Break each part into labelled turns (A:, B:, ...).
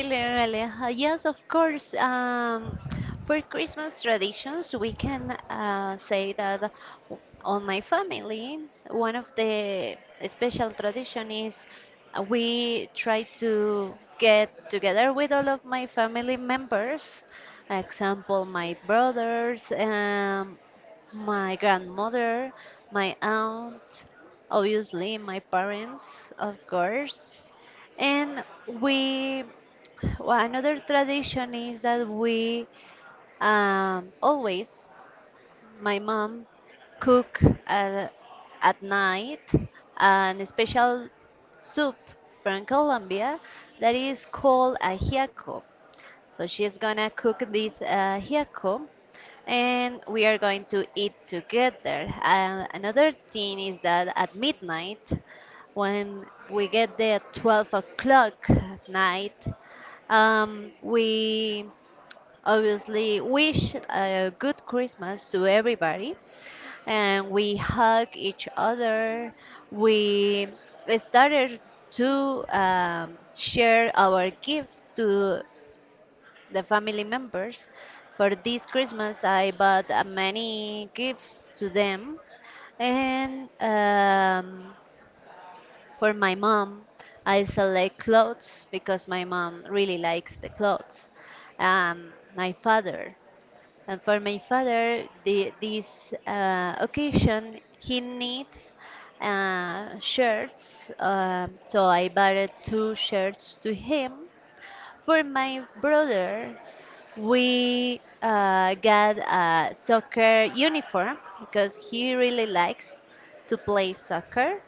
A: Hello, Aleja. Yes, of course. For Christmas traditions, we can say that on my family, one of the special tradition is we try to get together with all of my family members. Example, my brothers, my grandmother, my aunt, obviously my parents, of course, and we well, another tradition is that we always, my mom, cook at, at night an special soup from Colombia that is called ajiaco. So she's gonna cook this ajiaco and we are going to eat together. And another thing is that at midnight, when we get there at 12 o'clock at night, we obviously wish a good Christmas to everybody and we hug each other. We started to share our gifts to the family members. For this Christmas, I bought many gifts to them. And for my mom, I select clothes because my mom really likes the clothes. Um, my father, and for my father, this occasion, he needs shirts. So I bought two shirts to him. For my brother, we got a soccer uniform because he really likes to play soccer.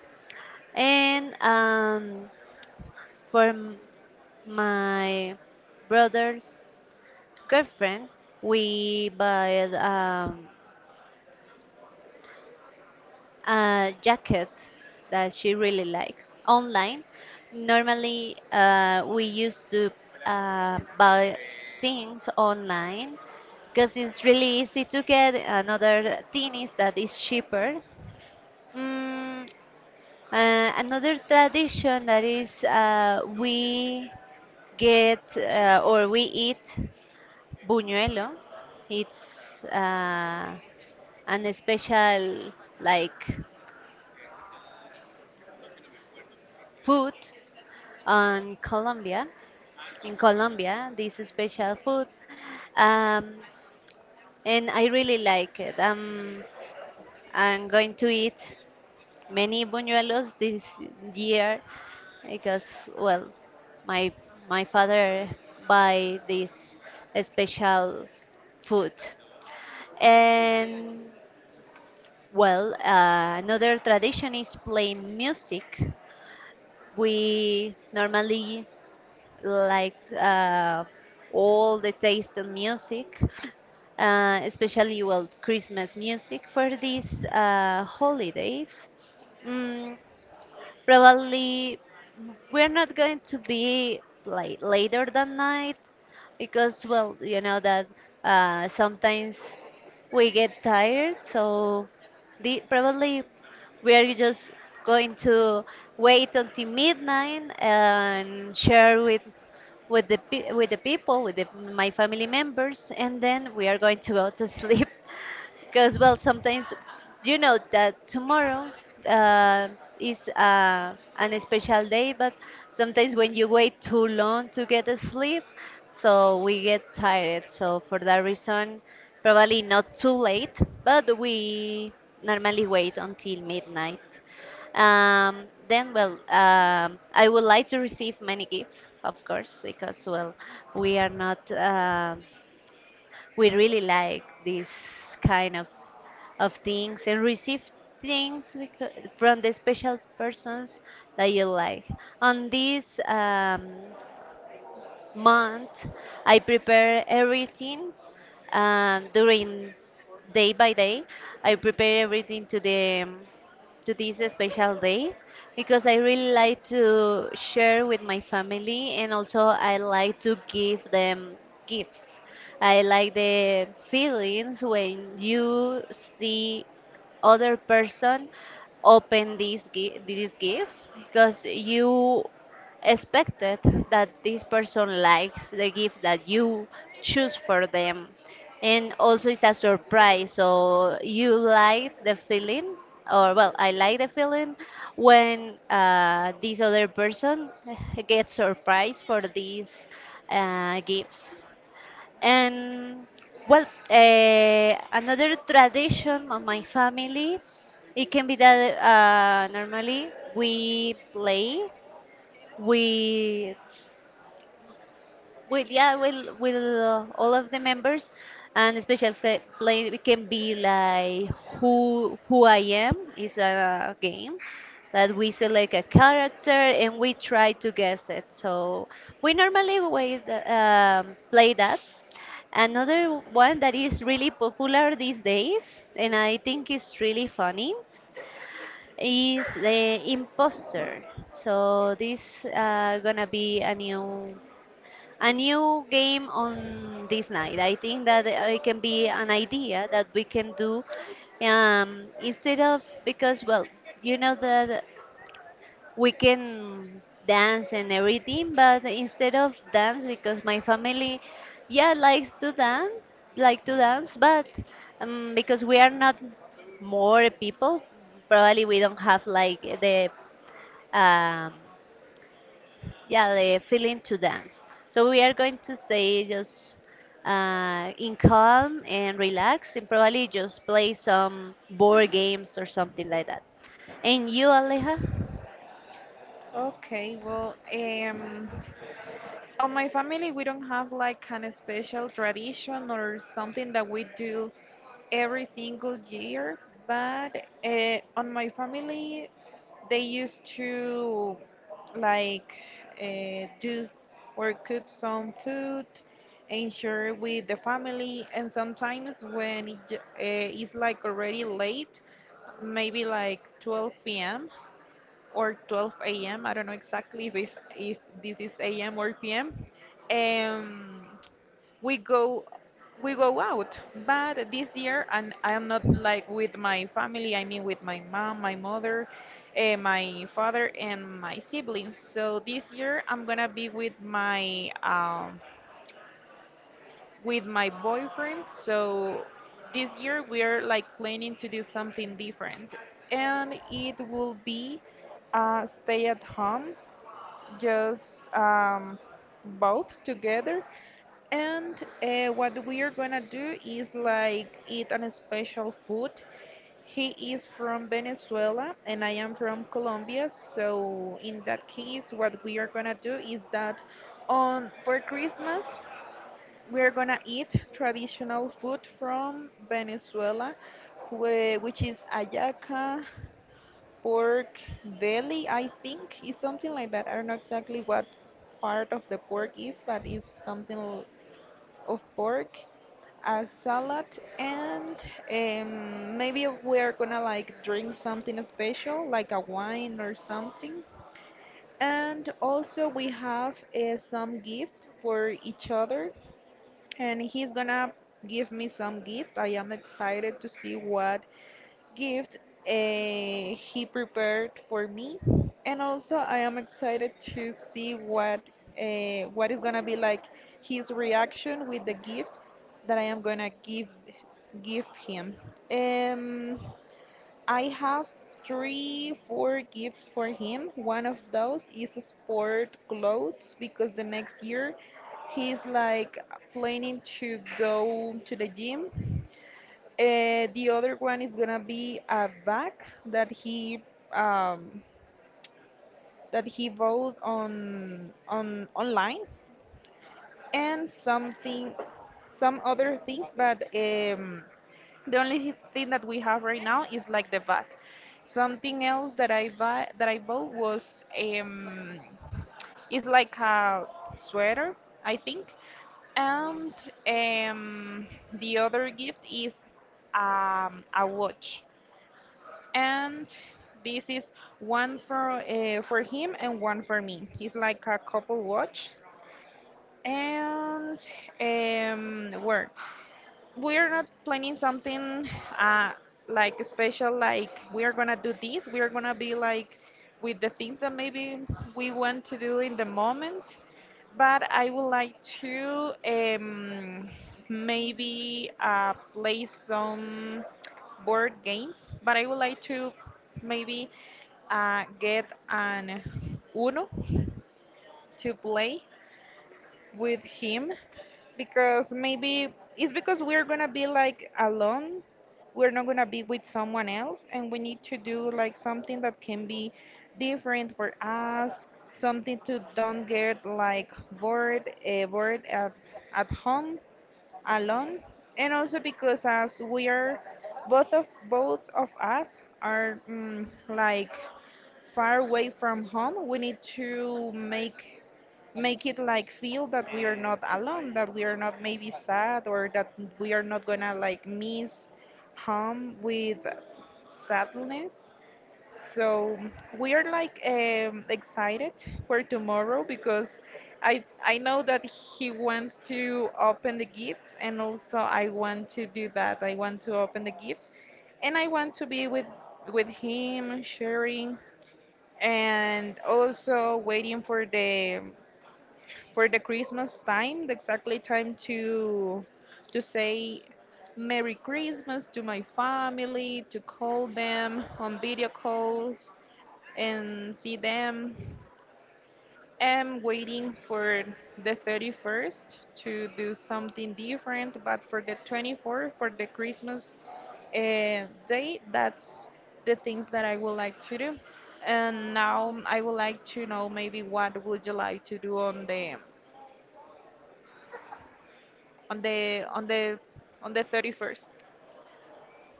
A: And for my brother's girlfriend, we bought a jacket that she really likes online. Normally, we used to buy things online because it's really easy to get another thing that is cheaper. Mm, another tradition that is we get or we eat buñuelo. It's an special like food on Colombia. In Colombia, this special food, um, and I really like it. I'm going to eat many buñuelos this year because, well, my my father buy this special food. And well, another tradition is playing music. We normally like all the taste in music, especially well Christmas music for these holidays. Mm, Probably we're not going to be like later than night because well you know that sometimes we get tired so probably we are just going to wait until midnight and share with with the people, with my family members, and then we are going to go to sleep because well, sometimes you know that tomorrow uh, is an special day, but sometimes when you wait too long to get a sleep, so we get tired. So for that reason, probably not too late, but we normally wait until midnight. Then, well, I would like to receive many gifts, of course, because, well, we are not, we really like this kind of things and receive things from the special persons that you like. On this, month. I prepare everything during day by day. I prepare everything to the to this special day because I really like to share with my family and also I like to give them gifts. I like the feelings when you see other person open these these gifts because you expected that this person likes the gift that you choose for them and also it's a surprise so you like the feeling or well I like the feeling when this other person gets surprised for these gifts and well, another tradition of my family, it can be that normally we play, we well, yeah, well, will all of the members and special play it can be like who I am is a game that we select a character and we try to guess it. So we normally wait, play that. Another one that is really popular these days, and I think it's really funny, is the imposter. So this gonna be a new game on this night. I think that it can be an idea that we can do instead of because well, you know that we can dance and everything, but instead of dance because my family, yeah, likes to dance, like to dance, but because we are not more people, probably we don't have like the um, yeah the feeling to dance so we are going to stay just in calm and relax and probably just play some board games or something like that and you, Aleja.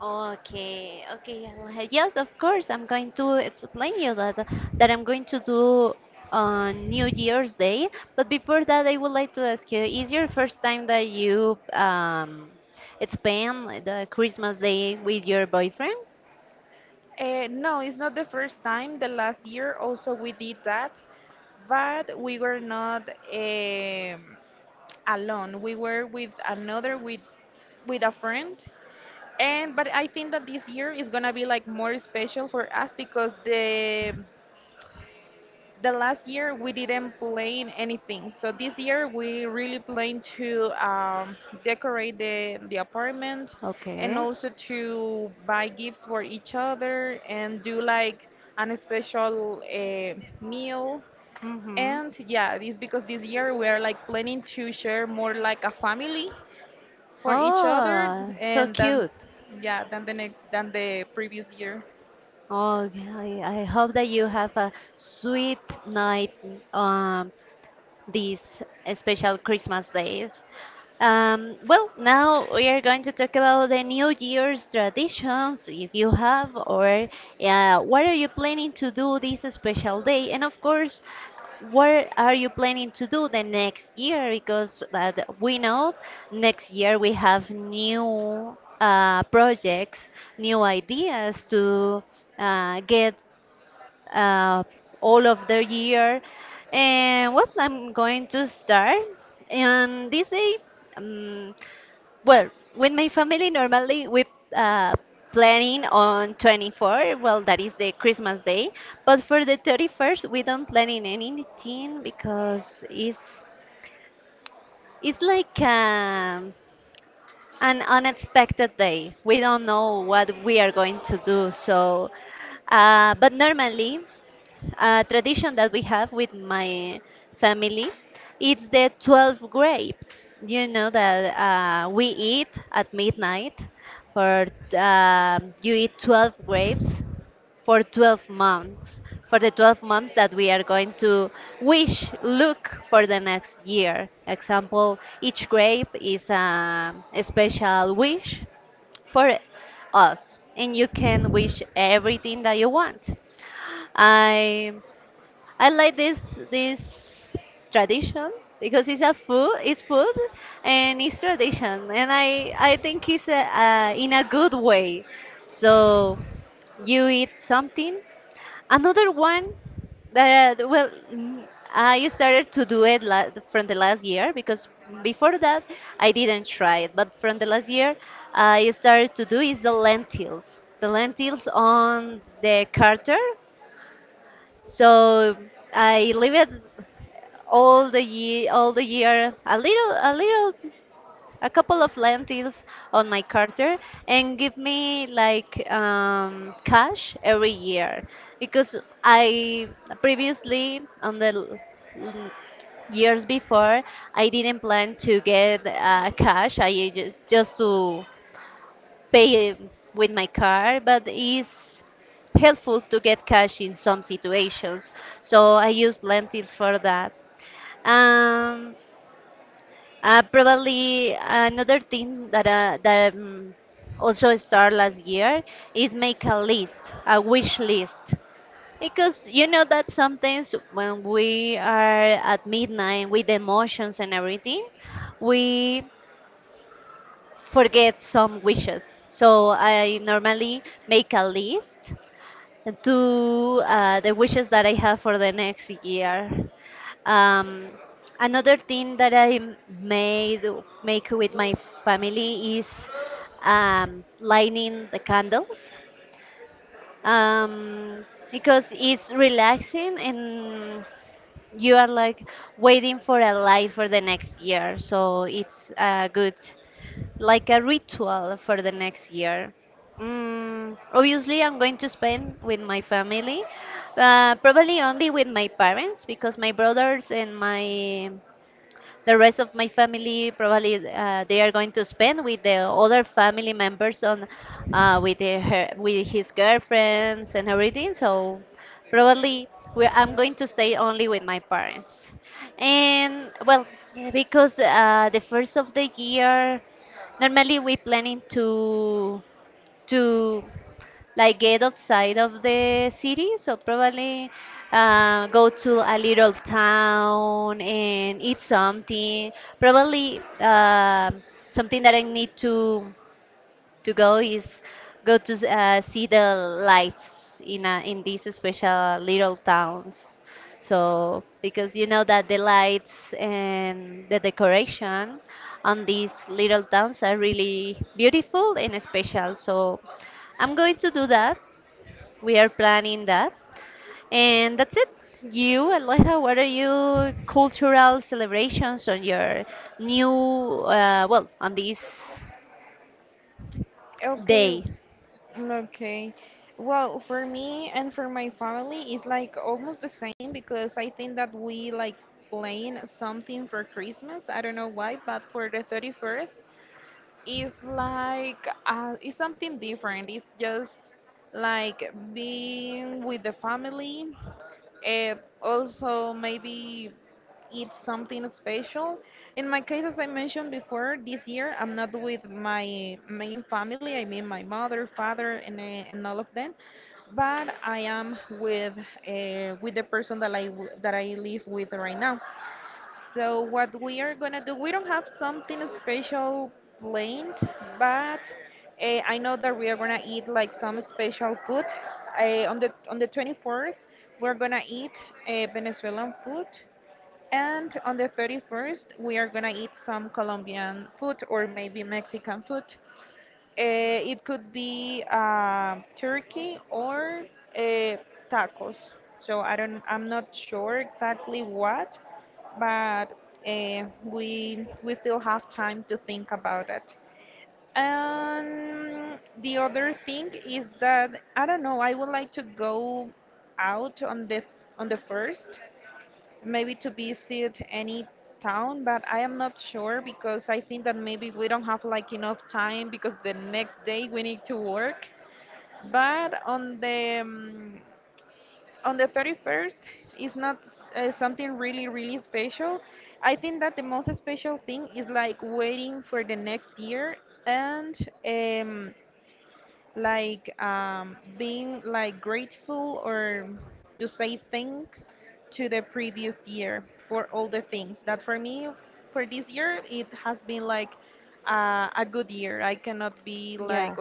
A: Okay, okay, Aleja. Yes, of course. I'm going to explain you that I'm going to do on New Year's Day. But before that, I would like to ask you: Is your first time that you spend the Christmas Day with your boyfriend? Okay. Mm-hmm. Oh, so cute. Oh, I hope that you have a sweet night um these special Christmas days. Well, now we are going to talk about the New Year's traditions, if you have, or what are you planning to do this special day? And of course, what are you planning to do the next year? Because that we know next year we have new projects, new ideas to get uh, all of the year. And what I'm going to start on this day. um, well, with my family, normally we uh, planning on 24. Well, that is the Christmas day. But for the 31st, we don't planning anything because it's like an unexpected day. We don't know what we are going to do. So, but normally. A tradition that we have with my family, it's the 12 grapes. You know that we eat at midnight for you eat 12 grapes for 12 months for the 12 months that we are going to wish look for the next year. Example, each grape is a special wish for us and you can wish everything that you want. I I like this tradition because it's a food, it's food, and it's tradition, and I think it's in a good way. So you eat something. Another one that well, I started to do it la from the last year because before that I didn't try it, but from the last year I started to do is the lentils, on the carter. So I leave it all the year a couple of lentils on my carter and give me like cash every year because I previously on the l- years before I didn't plan to get cash I just to pay with my card but it's helpful to get cash in some situations so I use lentils for that. um, Probably another thing that that also started last year is make a list, a wish list, because you know that sometimes when we are at midnight with emotions and everything, we forget some wishes. So I normally make a list to the wishes that I have for the next year. Um, Another thing that I m- made make with my family is lighting the candles um, because it's relaxing and you are like waiting for a light for the next year, so it's good like a ritual for the next year. Obviously, I'm going to spend with my family, probably only with my parents because my brothers and my the rest of my family probably they are going to spend with the other family members on with with his girlfriends and everything. So probably we I'm going to stay only with my parents. And well, because the first of the year. Normally, we planning to like get outside of the city, so probably go to a little town and eat something. Probably something that I need to go is go to see the lights in these special little towns. So because you know that the lights and the decoration on these little towns are really beautiful and special. So I'm going to do that. We are planning that. And that's it. You, Aleja, what are your cultural celebrations on your well, on this day? Yeah.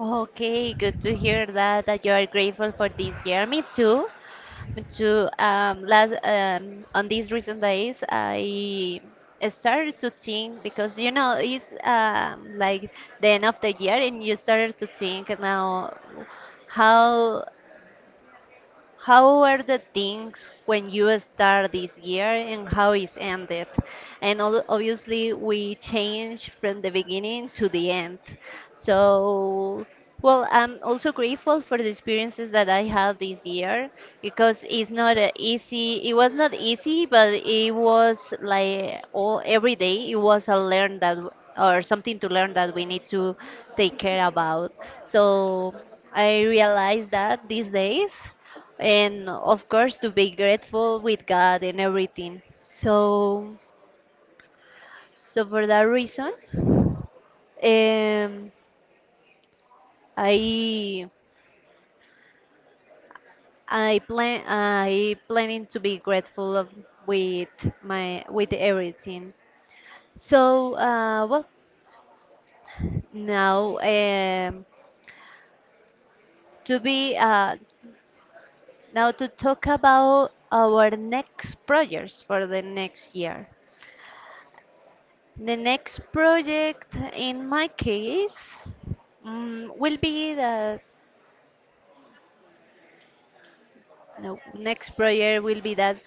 A: Okay, good to hear that you are grateful for this year. Me too. Me too. Last on these recent days, I started to think because you know it's like the end of the year, and you started to think now how how were the things when you start this year and how it's ended? And obviously, we change from the beginning to the end. So, well, I'm also grateful for the experiences that I had this year because it's not a easy. It was not easy, but it was like all every day. It was a learn that or something to learn that we need to take care about. So I realized that these days and of course to be grateful with God and everything. So so for that reason, um, I I planning to be grateful of with my with everything. So well now to be now to talk about our next projects for the next year. The next project in my case will be that no, next project will be that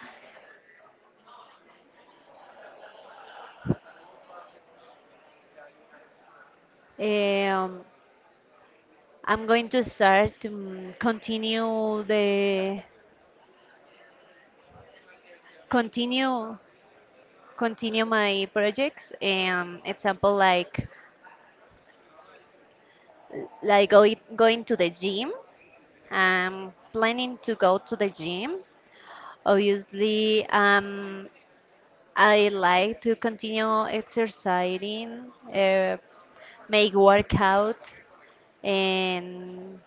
A: um, I'm going to start continue the continue continue my projects. Example like going to the gym. I'm planning to go to the gym. Obviously, I like to continue exercising. Make workout and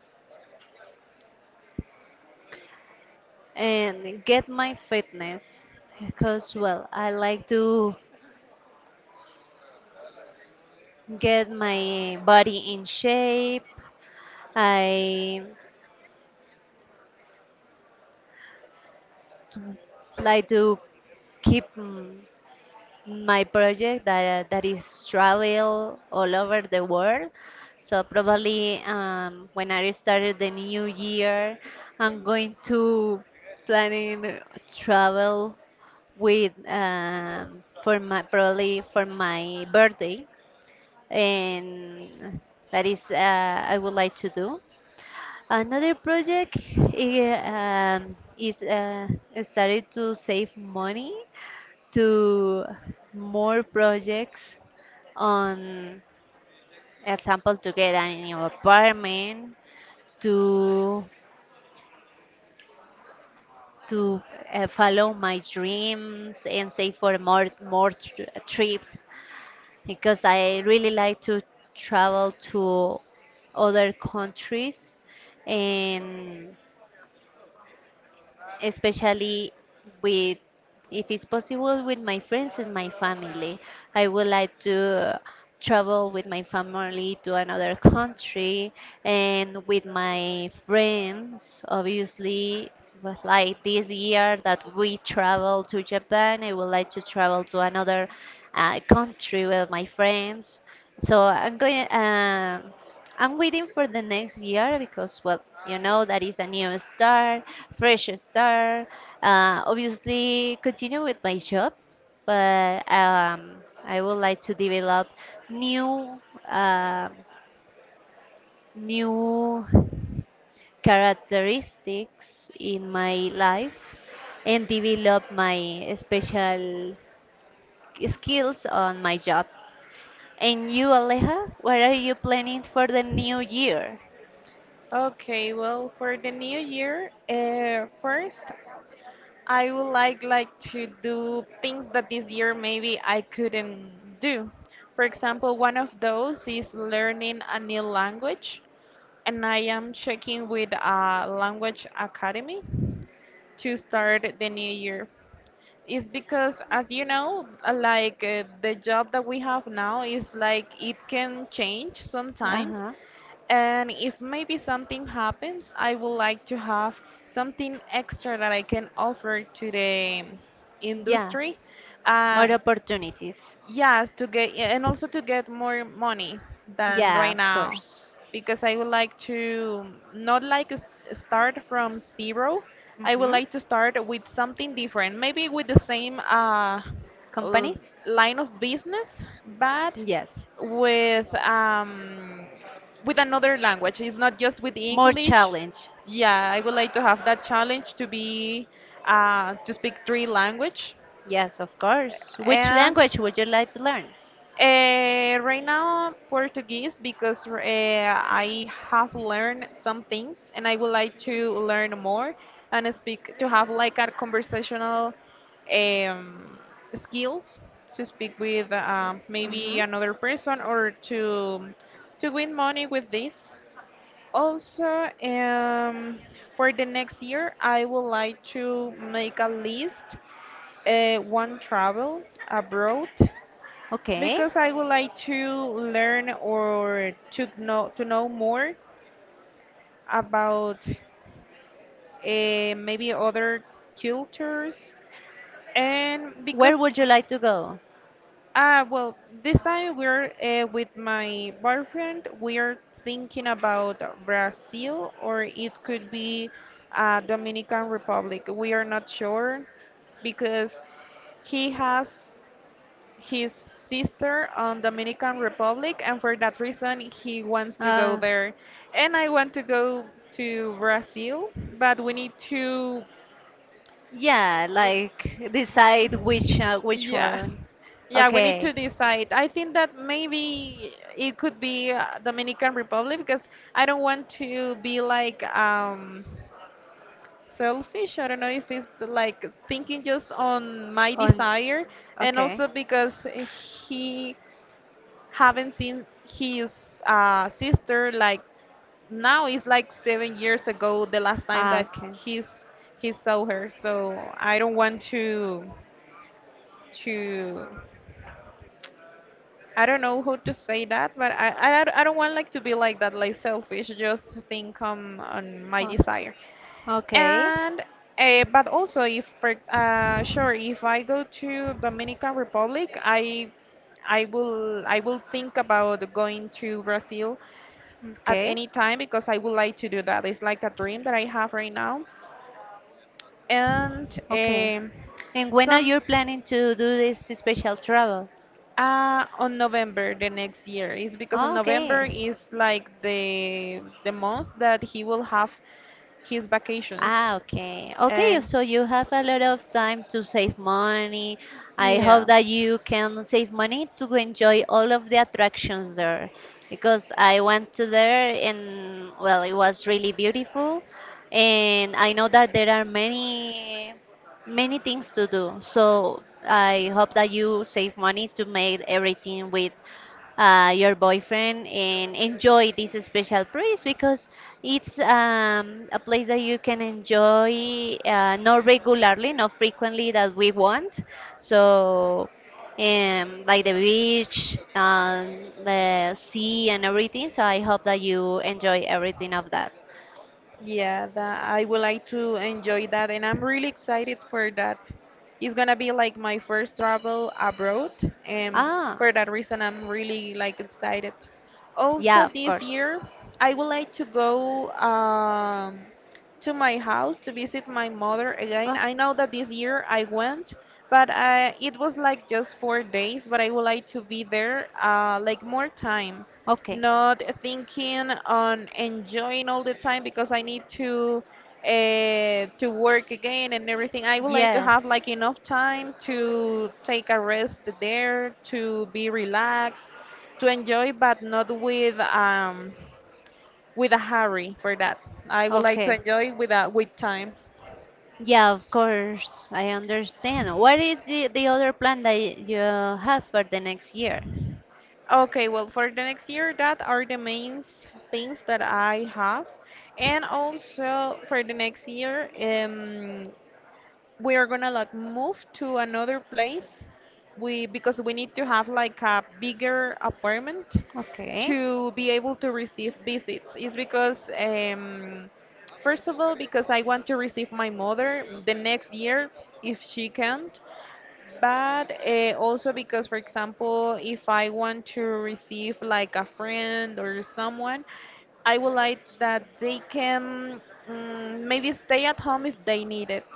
A: and get my fitness because well I like to get my body in shape. I like to keep my project that is travel all over the world. So probably when I started the new year, I'm going to planning travel with for my probably for my birthday and that is I would like to do another project is I started to save money to more projects on example to get a new apartment to to follow my dreams and save for more trips because I really like to travel to other countries and especially with if it's possible with my friends and my family. I would like to travel with my family to another country and with my friends obviously, but like this year that we travel to Japan, I would like to travel to another country with my friends. so i'm going um I'm waiting for the next year because, well, that is a new start, fresh start. Obviously, continue with my job, but I would like to develop new, uh, new characteristics in my life and develop my special skills on my job. And you, Aleja, what are you planning for the new year?
B: Okay, well, for the new year, first I would like to do things that this year maybe I couldn't do. For example, one of those is learning a new language, and I am checking with a language academy to start the new year is because as you know like the job that we have now is like it can change
A: Uh
B: sometimes,
A: huh.
B: and if maybe something happens I would like to have something extra that I can offer to the
A: Yeah.
B: industry. uh,
A: More opportunities.
B: Yes, to get, yeah, and also to get more money than
A: Yeah,
B: right
A: of
B: now,
A: course.
B: because I would like to not like start from zero. I would
A: Hmm.
B: like to start with something different, maybe with the same l-
A: Company?
B: line of business, but
A: Yes.
B: with um, with another language. It's not just with
A: More
B: English.
A: challenge.
B: Yeah, I would like to have that challenge to be to speak three language,
A: Yes, of course. Which
B: and
A: language would you like to learn?
B: right now, Portuguese because I have learned some things and I would like to learn more and speak to have like a conversational um, skills to speak with maybe
A: Hmm.
B: another person or to win money with this. Also, for the next year, I would like to make a list, one travel abroad
A: Okay.
B: because I would like to learn or to know more about maybe other cultures, and
A: Where
B: because
A: would you like to go?
B: well, this time we're with my boyfriend we're thinking about Brazil, or it could be Dominican Republic. We are not sure because he has his sister on Dominican Republic, and for that reason he wants to go
A: Uh,
B: there, and I want to go to Brazil, but we need to,
A: yeah, like decide which
B: yeah.
A: one.
B: Yeah, we need
A: Okay.
B: to decide. I think that maybe it could be Dominican Republic because I don't want to be like selfish. I don't know if it's the, like, thinking just on my
A: On.
B: desire, and
A: Okay.
B: also because he haven't seen his sister like now it's like 7 years ago the last time
A: Ah,
B: that
A: okay.
B: he's he saw her. So I don't want to, I don't know how to say that, but I don't want like to be like that, like selfish, just think on my
A: O-
B: desire.
A: Okay.
B: And but also if for sure, if I go to Dominican Republic, I will think about going to Brazil at
A: Okay.
B: any time because I would like to do that. It's like a dream that I have right now. And
A: Okay.
B: um,
A: And when are
B: some
A: you planning to do this special travel?
B: on November the next year, is because on
A: Ah,
B: November
A: okay.
B: is like the month that he will have his vacations,
A: Ah, okay. Okay,
B: and
A: so you have a lot of time to save money. I
B: yeah.
A: hope that you can save money to enjoy all of the attractions there, because I went to there and well, it was really beautiful and I know that there are many things to do. So I hope that you save money to make everything with your boyfriend and enjoy this special place, because it's a place that you can enjoy not regularly, not frequently that we want. So, like the beach, the sea, and everything. So, I hope that you enjoy everything of that.
B: Yeah, that I would like to enjoy that, and I'm really excited for that. It's gonna be like my first travel abroad, and
A: Ah,
B: for that reason, I'm really like excited.
A: yeah,
B: Also,
A: of
B: this
A: course.
B: year, I would like to go to my house to visit my mother again.
A: Oh,
B: I know that this year I went, but it was like just 4 days. But I would like to be there like more time,
A: okay.
B: not thinking on enjoying all the time because I need to work again and everything. I would like to
A: Yes.
B: have like enough time to take a rest there, to be relaxed, to enjoy, but not with with a hurry for that. I would like to
A: Okay.
B: enjoy with a, with time.
A: Yeah, of course, I understand. What is the other plan that you have for the next year?
B: Okay, well, for the next year, that are the main things that I have. And also for the next year, we are gonna like move to another place, we because we need to have like a bigger apartment
A: Okay,
B: to be able to receive visits. Is because first of all because I want to receive my mother the next year if she can't, but also because, for example, if I want to receive like a friend or someone, I would like that they can, maybe stay at home if they need it,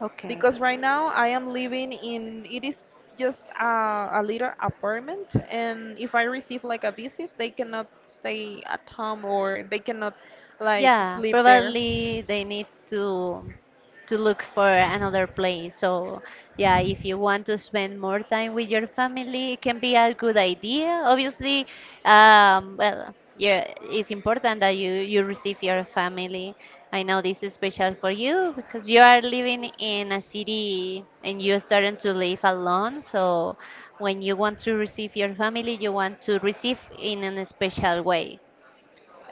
A: okay.
B: because right now I am living in, it is just a little apartment, and if I receive like a visit, they cannot stay at home, or they cannot like
A: Yeah,
B: sleep there.
A: probably they need to look for another place. So, yeah, if you want to spend more time with your family, it can be a good idea. Obviously, well, yeah, it's important that you receive your family. I know this is special for you because you are living in a city and you're starting to live alone. So, when you want to receive your family, you want to receive in a special way.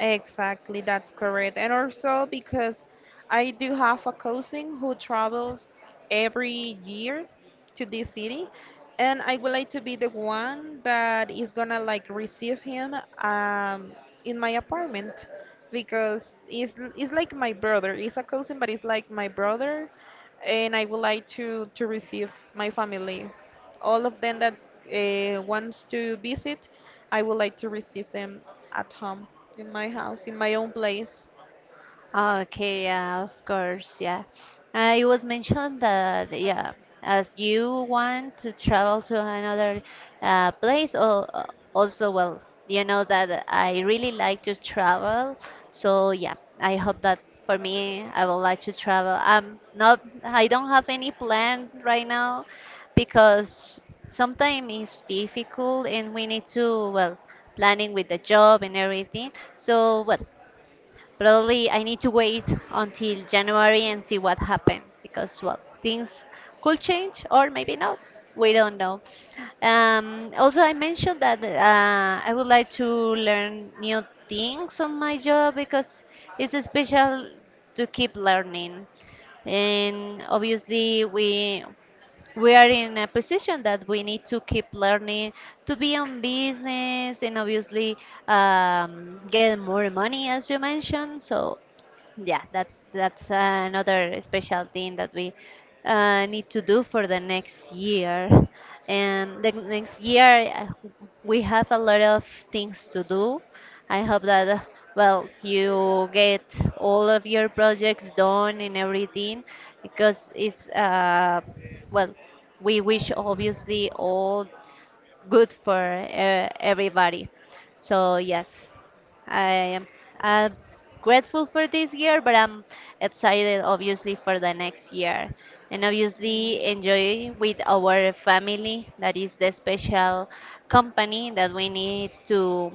B: Exactly, that's correct. And also because I do have a cousin who travels every year to this city, and I would like to be the one that is gonna like receive him, in my apartment, because it's like my brother. It's a cousin, but it's like my brother, and I would like to receive my family, all of them that wants to visit, I would like to receive them at home, in my house, in my own place.
A: Okay, yeah, of course, yeah. It was mentioned that, yeah, as you want to travel to another place, or also, well, you know that I really like to travel, so yeah, I hope that for me, I would like to travel. Not, I don't have any plan right now because sometimes it's difficult and we need to, well, planning with the job and everything. So, well, probably I need to wait until January and see what happened, because well things could change or maybe not. We don't know. Also, I mentioned that I would like to learn new things on my job because it's special to keep learning. And obviously, we are in a position that we need to keep learning to be on business and obviously get more money, as you mentioned. So yeah, that's another special thing that we need to do for the next year. And the next year, we have a lot of things to do. I hope that, well, you get all of your projects done and everything, because it's, well, we wish obviously all good for everybody. So yes. I am uh, grateful for this year, but I'm excited, obviously, for the next year. And
B: Yeah.
A: obviously, enjoy with our family. That is the special company that we need to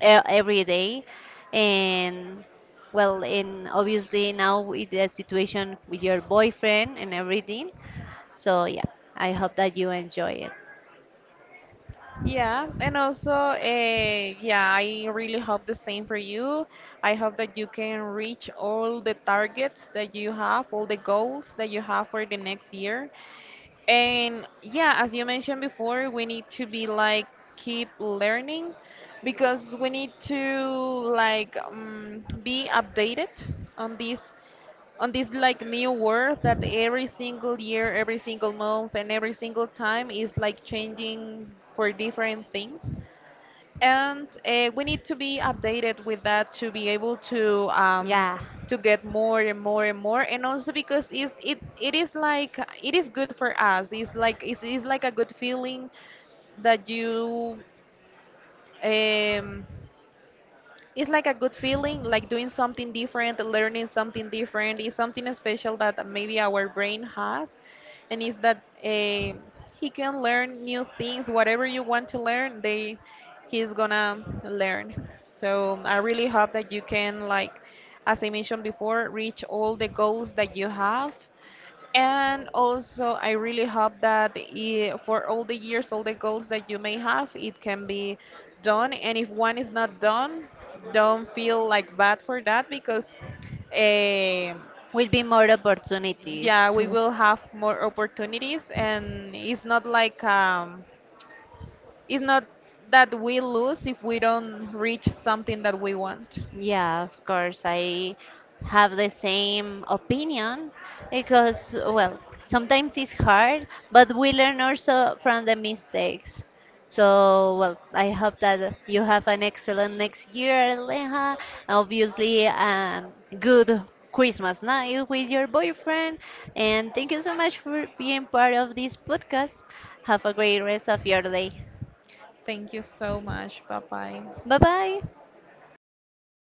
A: every day. And well, and obviously now with the situation with your boyfriend and everything. So yeah, I hope that you enjoy it.
B: Yeah, and also, yeah, I really hope the same for you. I hope that you can reach all the targets that you have, all the goals that you have for the next year. And yeah, as you mentioned before, we need to be like keep learning because we need to like be updated on this, like new world that every single year, every single month, and every single time is like changing for different things, and we need to be updated with that to be able
A: Yeah,
B: to get more and more and more. And also because it is like it is good for us. It's like it's like a good feeling that you, um, it's like a good feeling, like doing something different, learning something different. It's something special that maybe our brain has, and it's that he can learn new things. Whatever you want to learn, they he's gonna learn. So I really hope that you can, like, as I mentioned before, reach all the goals that you have, and also, I really hope that for all the years, all the goals that you may have, it can be done. And if one is not done, don't feel like bad for that because, eh,
A: will be more opportunities.
B: yeah, we will have more opportunities. And it's not like it's not that we lose if we don't reach something that we want.
A: Yeah, of course, I have the same opinion because, well, sometimes it's hard, but we learn also from the mistakes. So, well, I hope that you have an excellent next year, Aleja. Obviously, good Christmas night with your boyfriend. And thank you so much for being part of this podcast. Have a great rest of your day.
B: Thank you so much. Bye bye.
A: Bye bye.